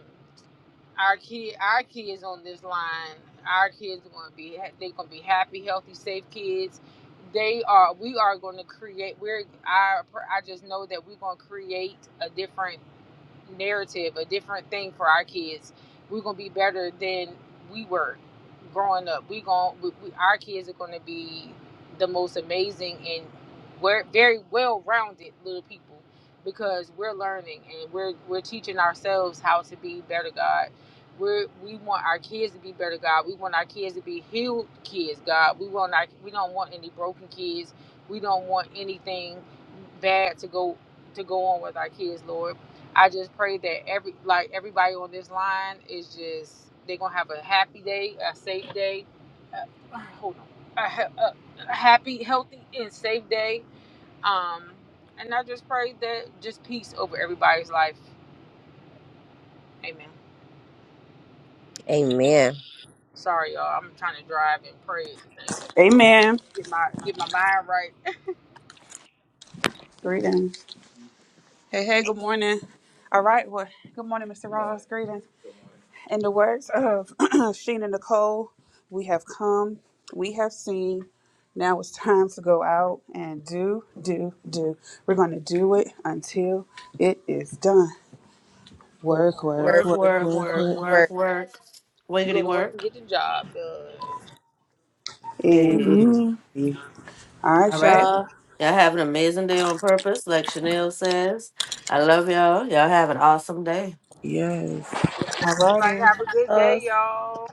our kid, our kids on this line, our kids are going to be, they're going to be happy, healthy, safe kids. They are, we are going to create, we're, I, I just know that we're going to create a different narrative, a different thing for our kids. We're gonna be better than we were growing up. We going we, we, our kids are gonna be the most amazing and we're very well rounded little people because we're learning and we're we're teaching ourselves how to be better God. we we want our kids to be better, God. We want our kids to be healed kids, God. We want our, we don't want any broken kids. We don't want anything bad to go to go on with our kids, Lord. I just pray that every like everybody on this line is just they're gonna have a happy day, a safe day. Uh, *sighs* hold on, a, a a happy, healthy, and safe day. Um, and I just pray that just peace over everybody's life. Amen. Amen. Sorry, y'all. I'm trying to drive and pray at the same time. Amen. Get my get my mind right. Greetings. Hey, hey, good morning. All right, well, good morning, Mr. Ross. Greetings. In the words of *clears throat* Sheena Nicole, we have come, we have seen. Now it's time to go out and do, do, do. We're going to do it until it is done. Work, Work, work, work, Work, work, work, work, work, work, work. work, work. work. Go Wiggity to work and work. get the job done. Amen. Hey. Amen. All All right, right. y'all. Y'all have an amazing day on purpose, like Chanel says. I love y'all. Y'all have an awesome day. Yes. Yeah, All everybody righty. have a good day, Us. y'all.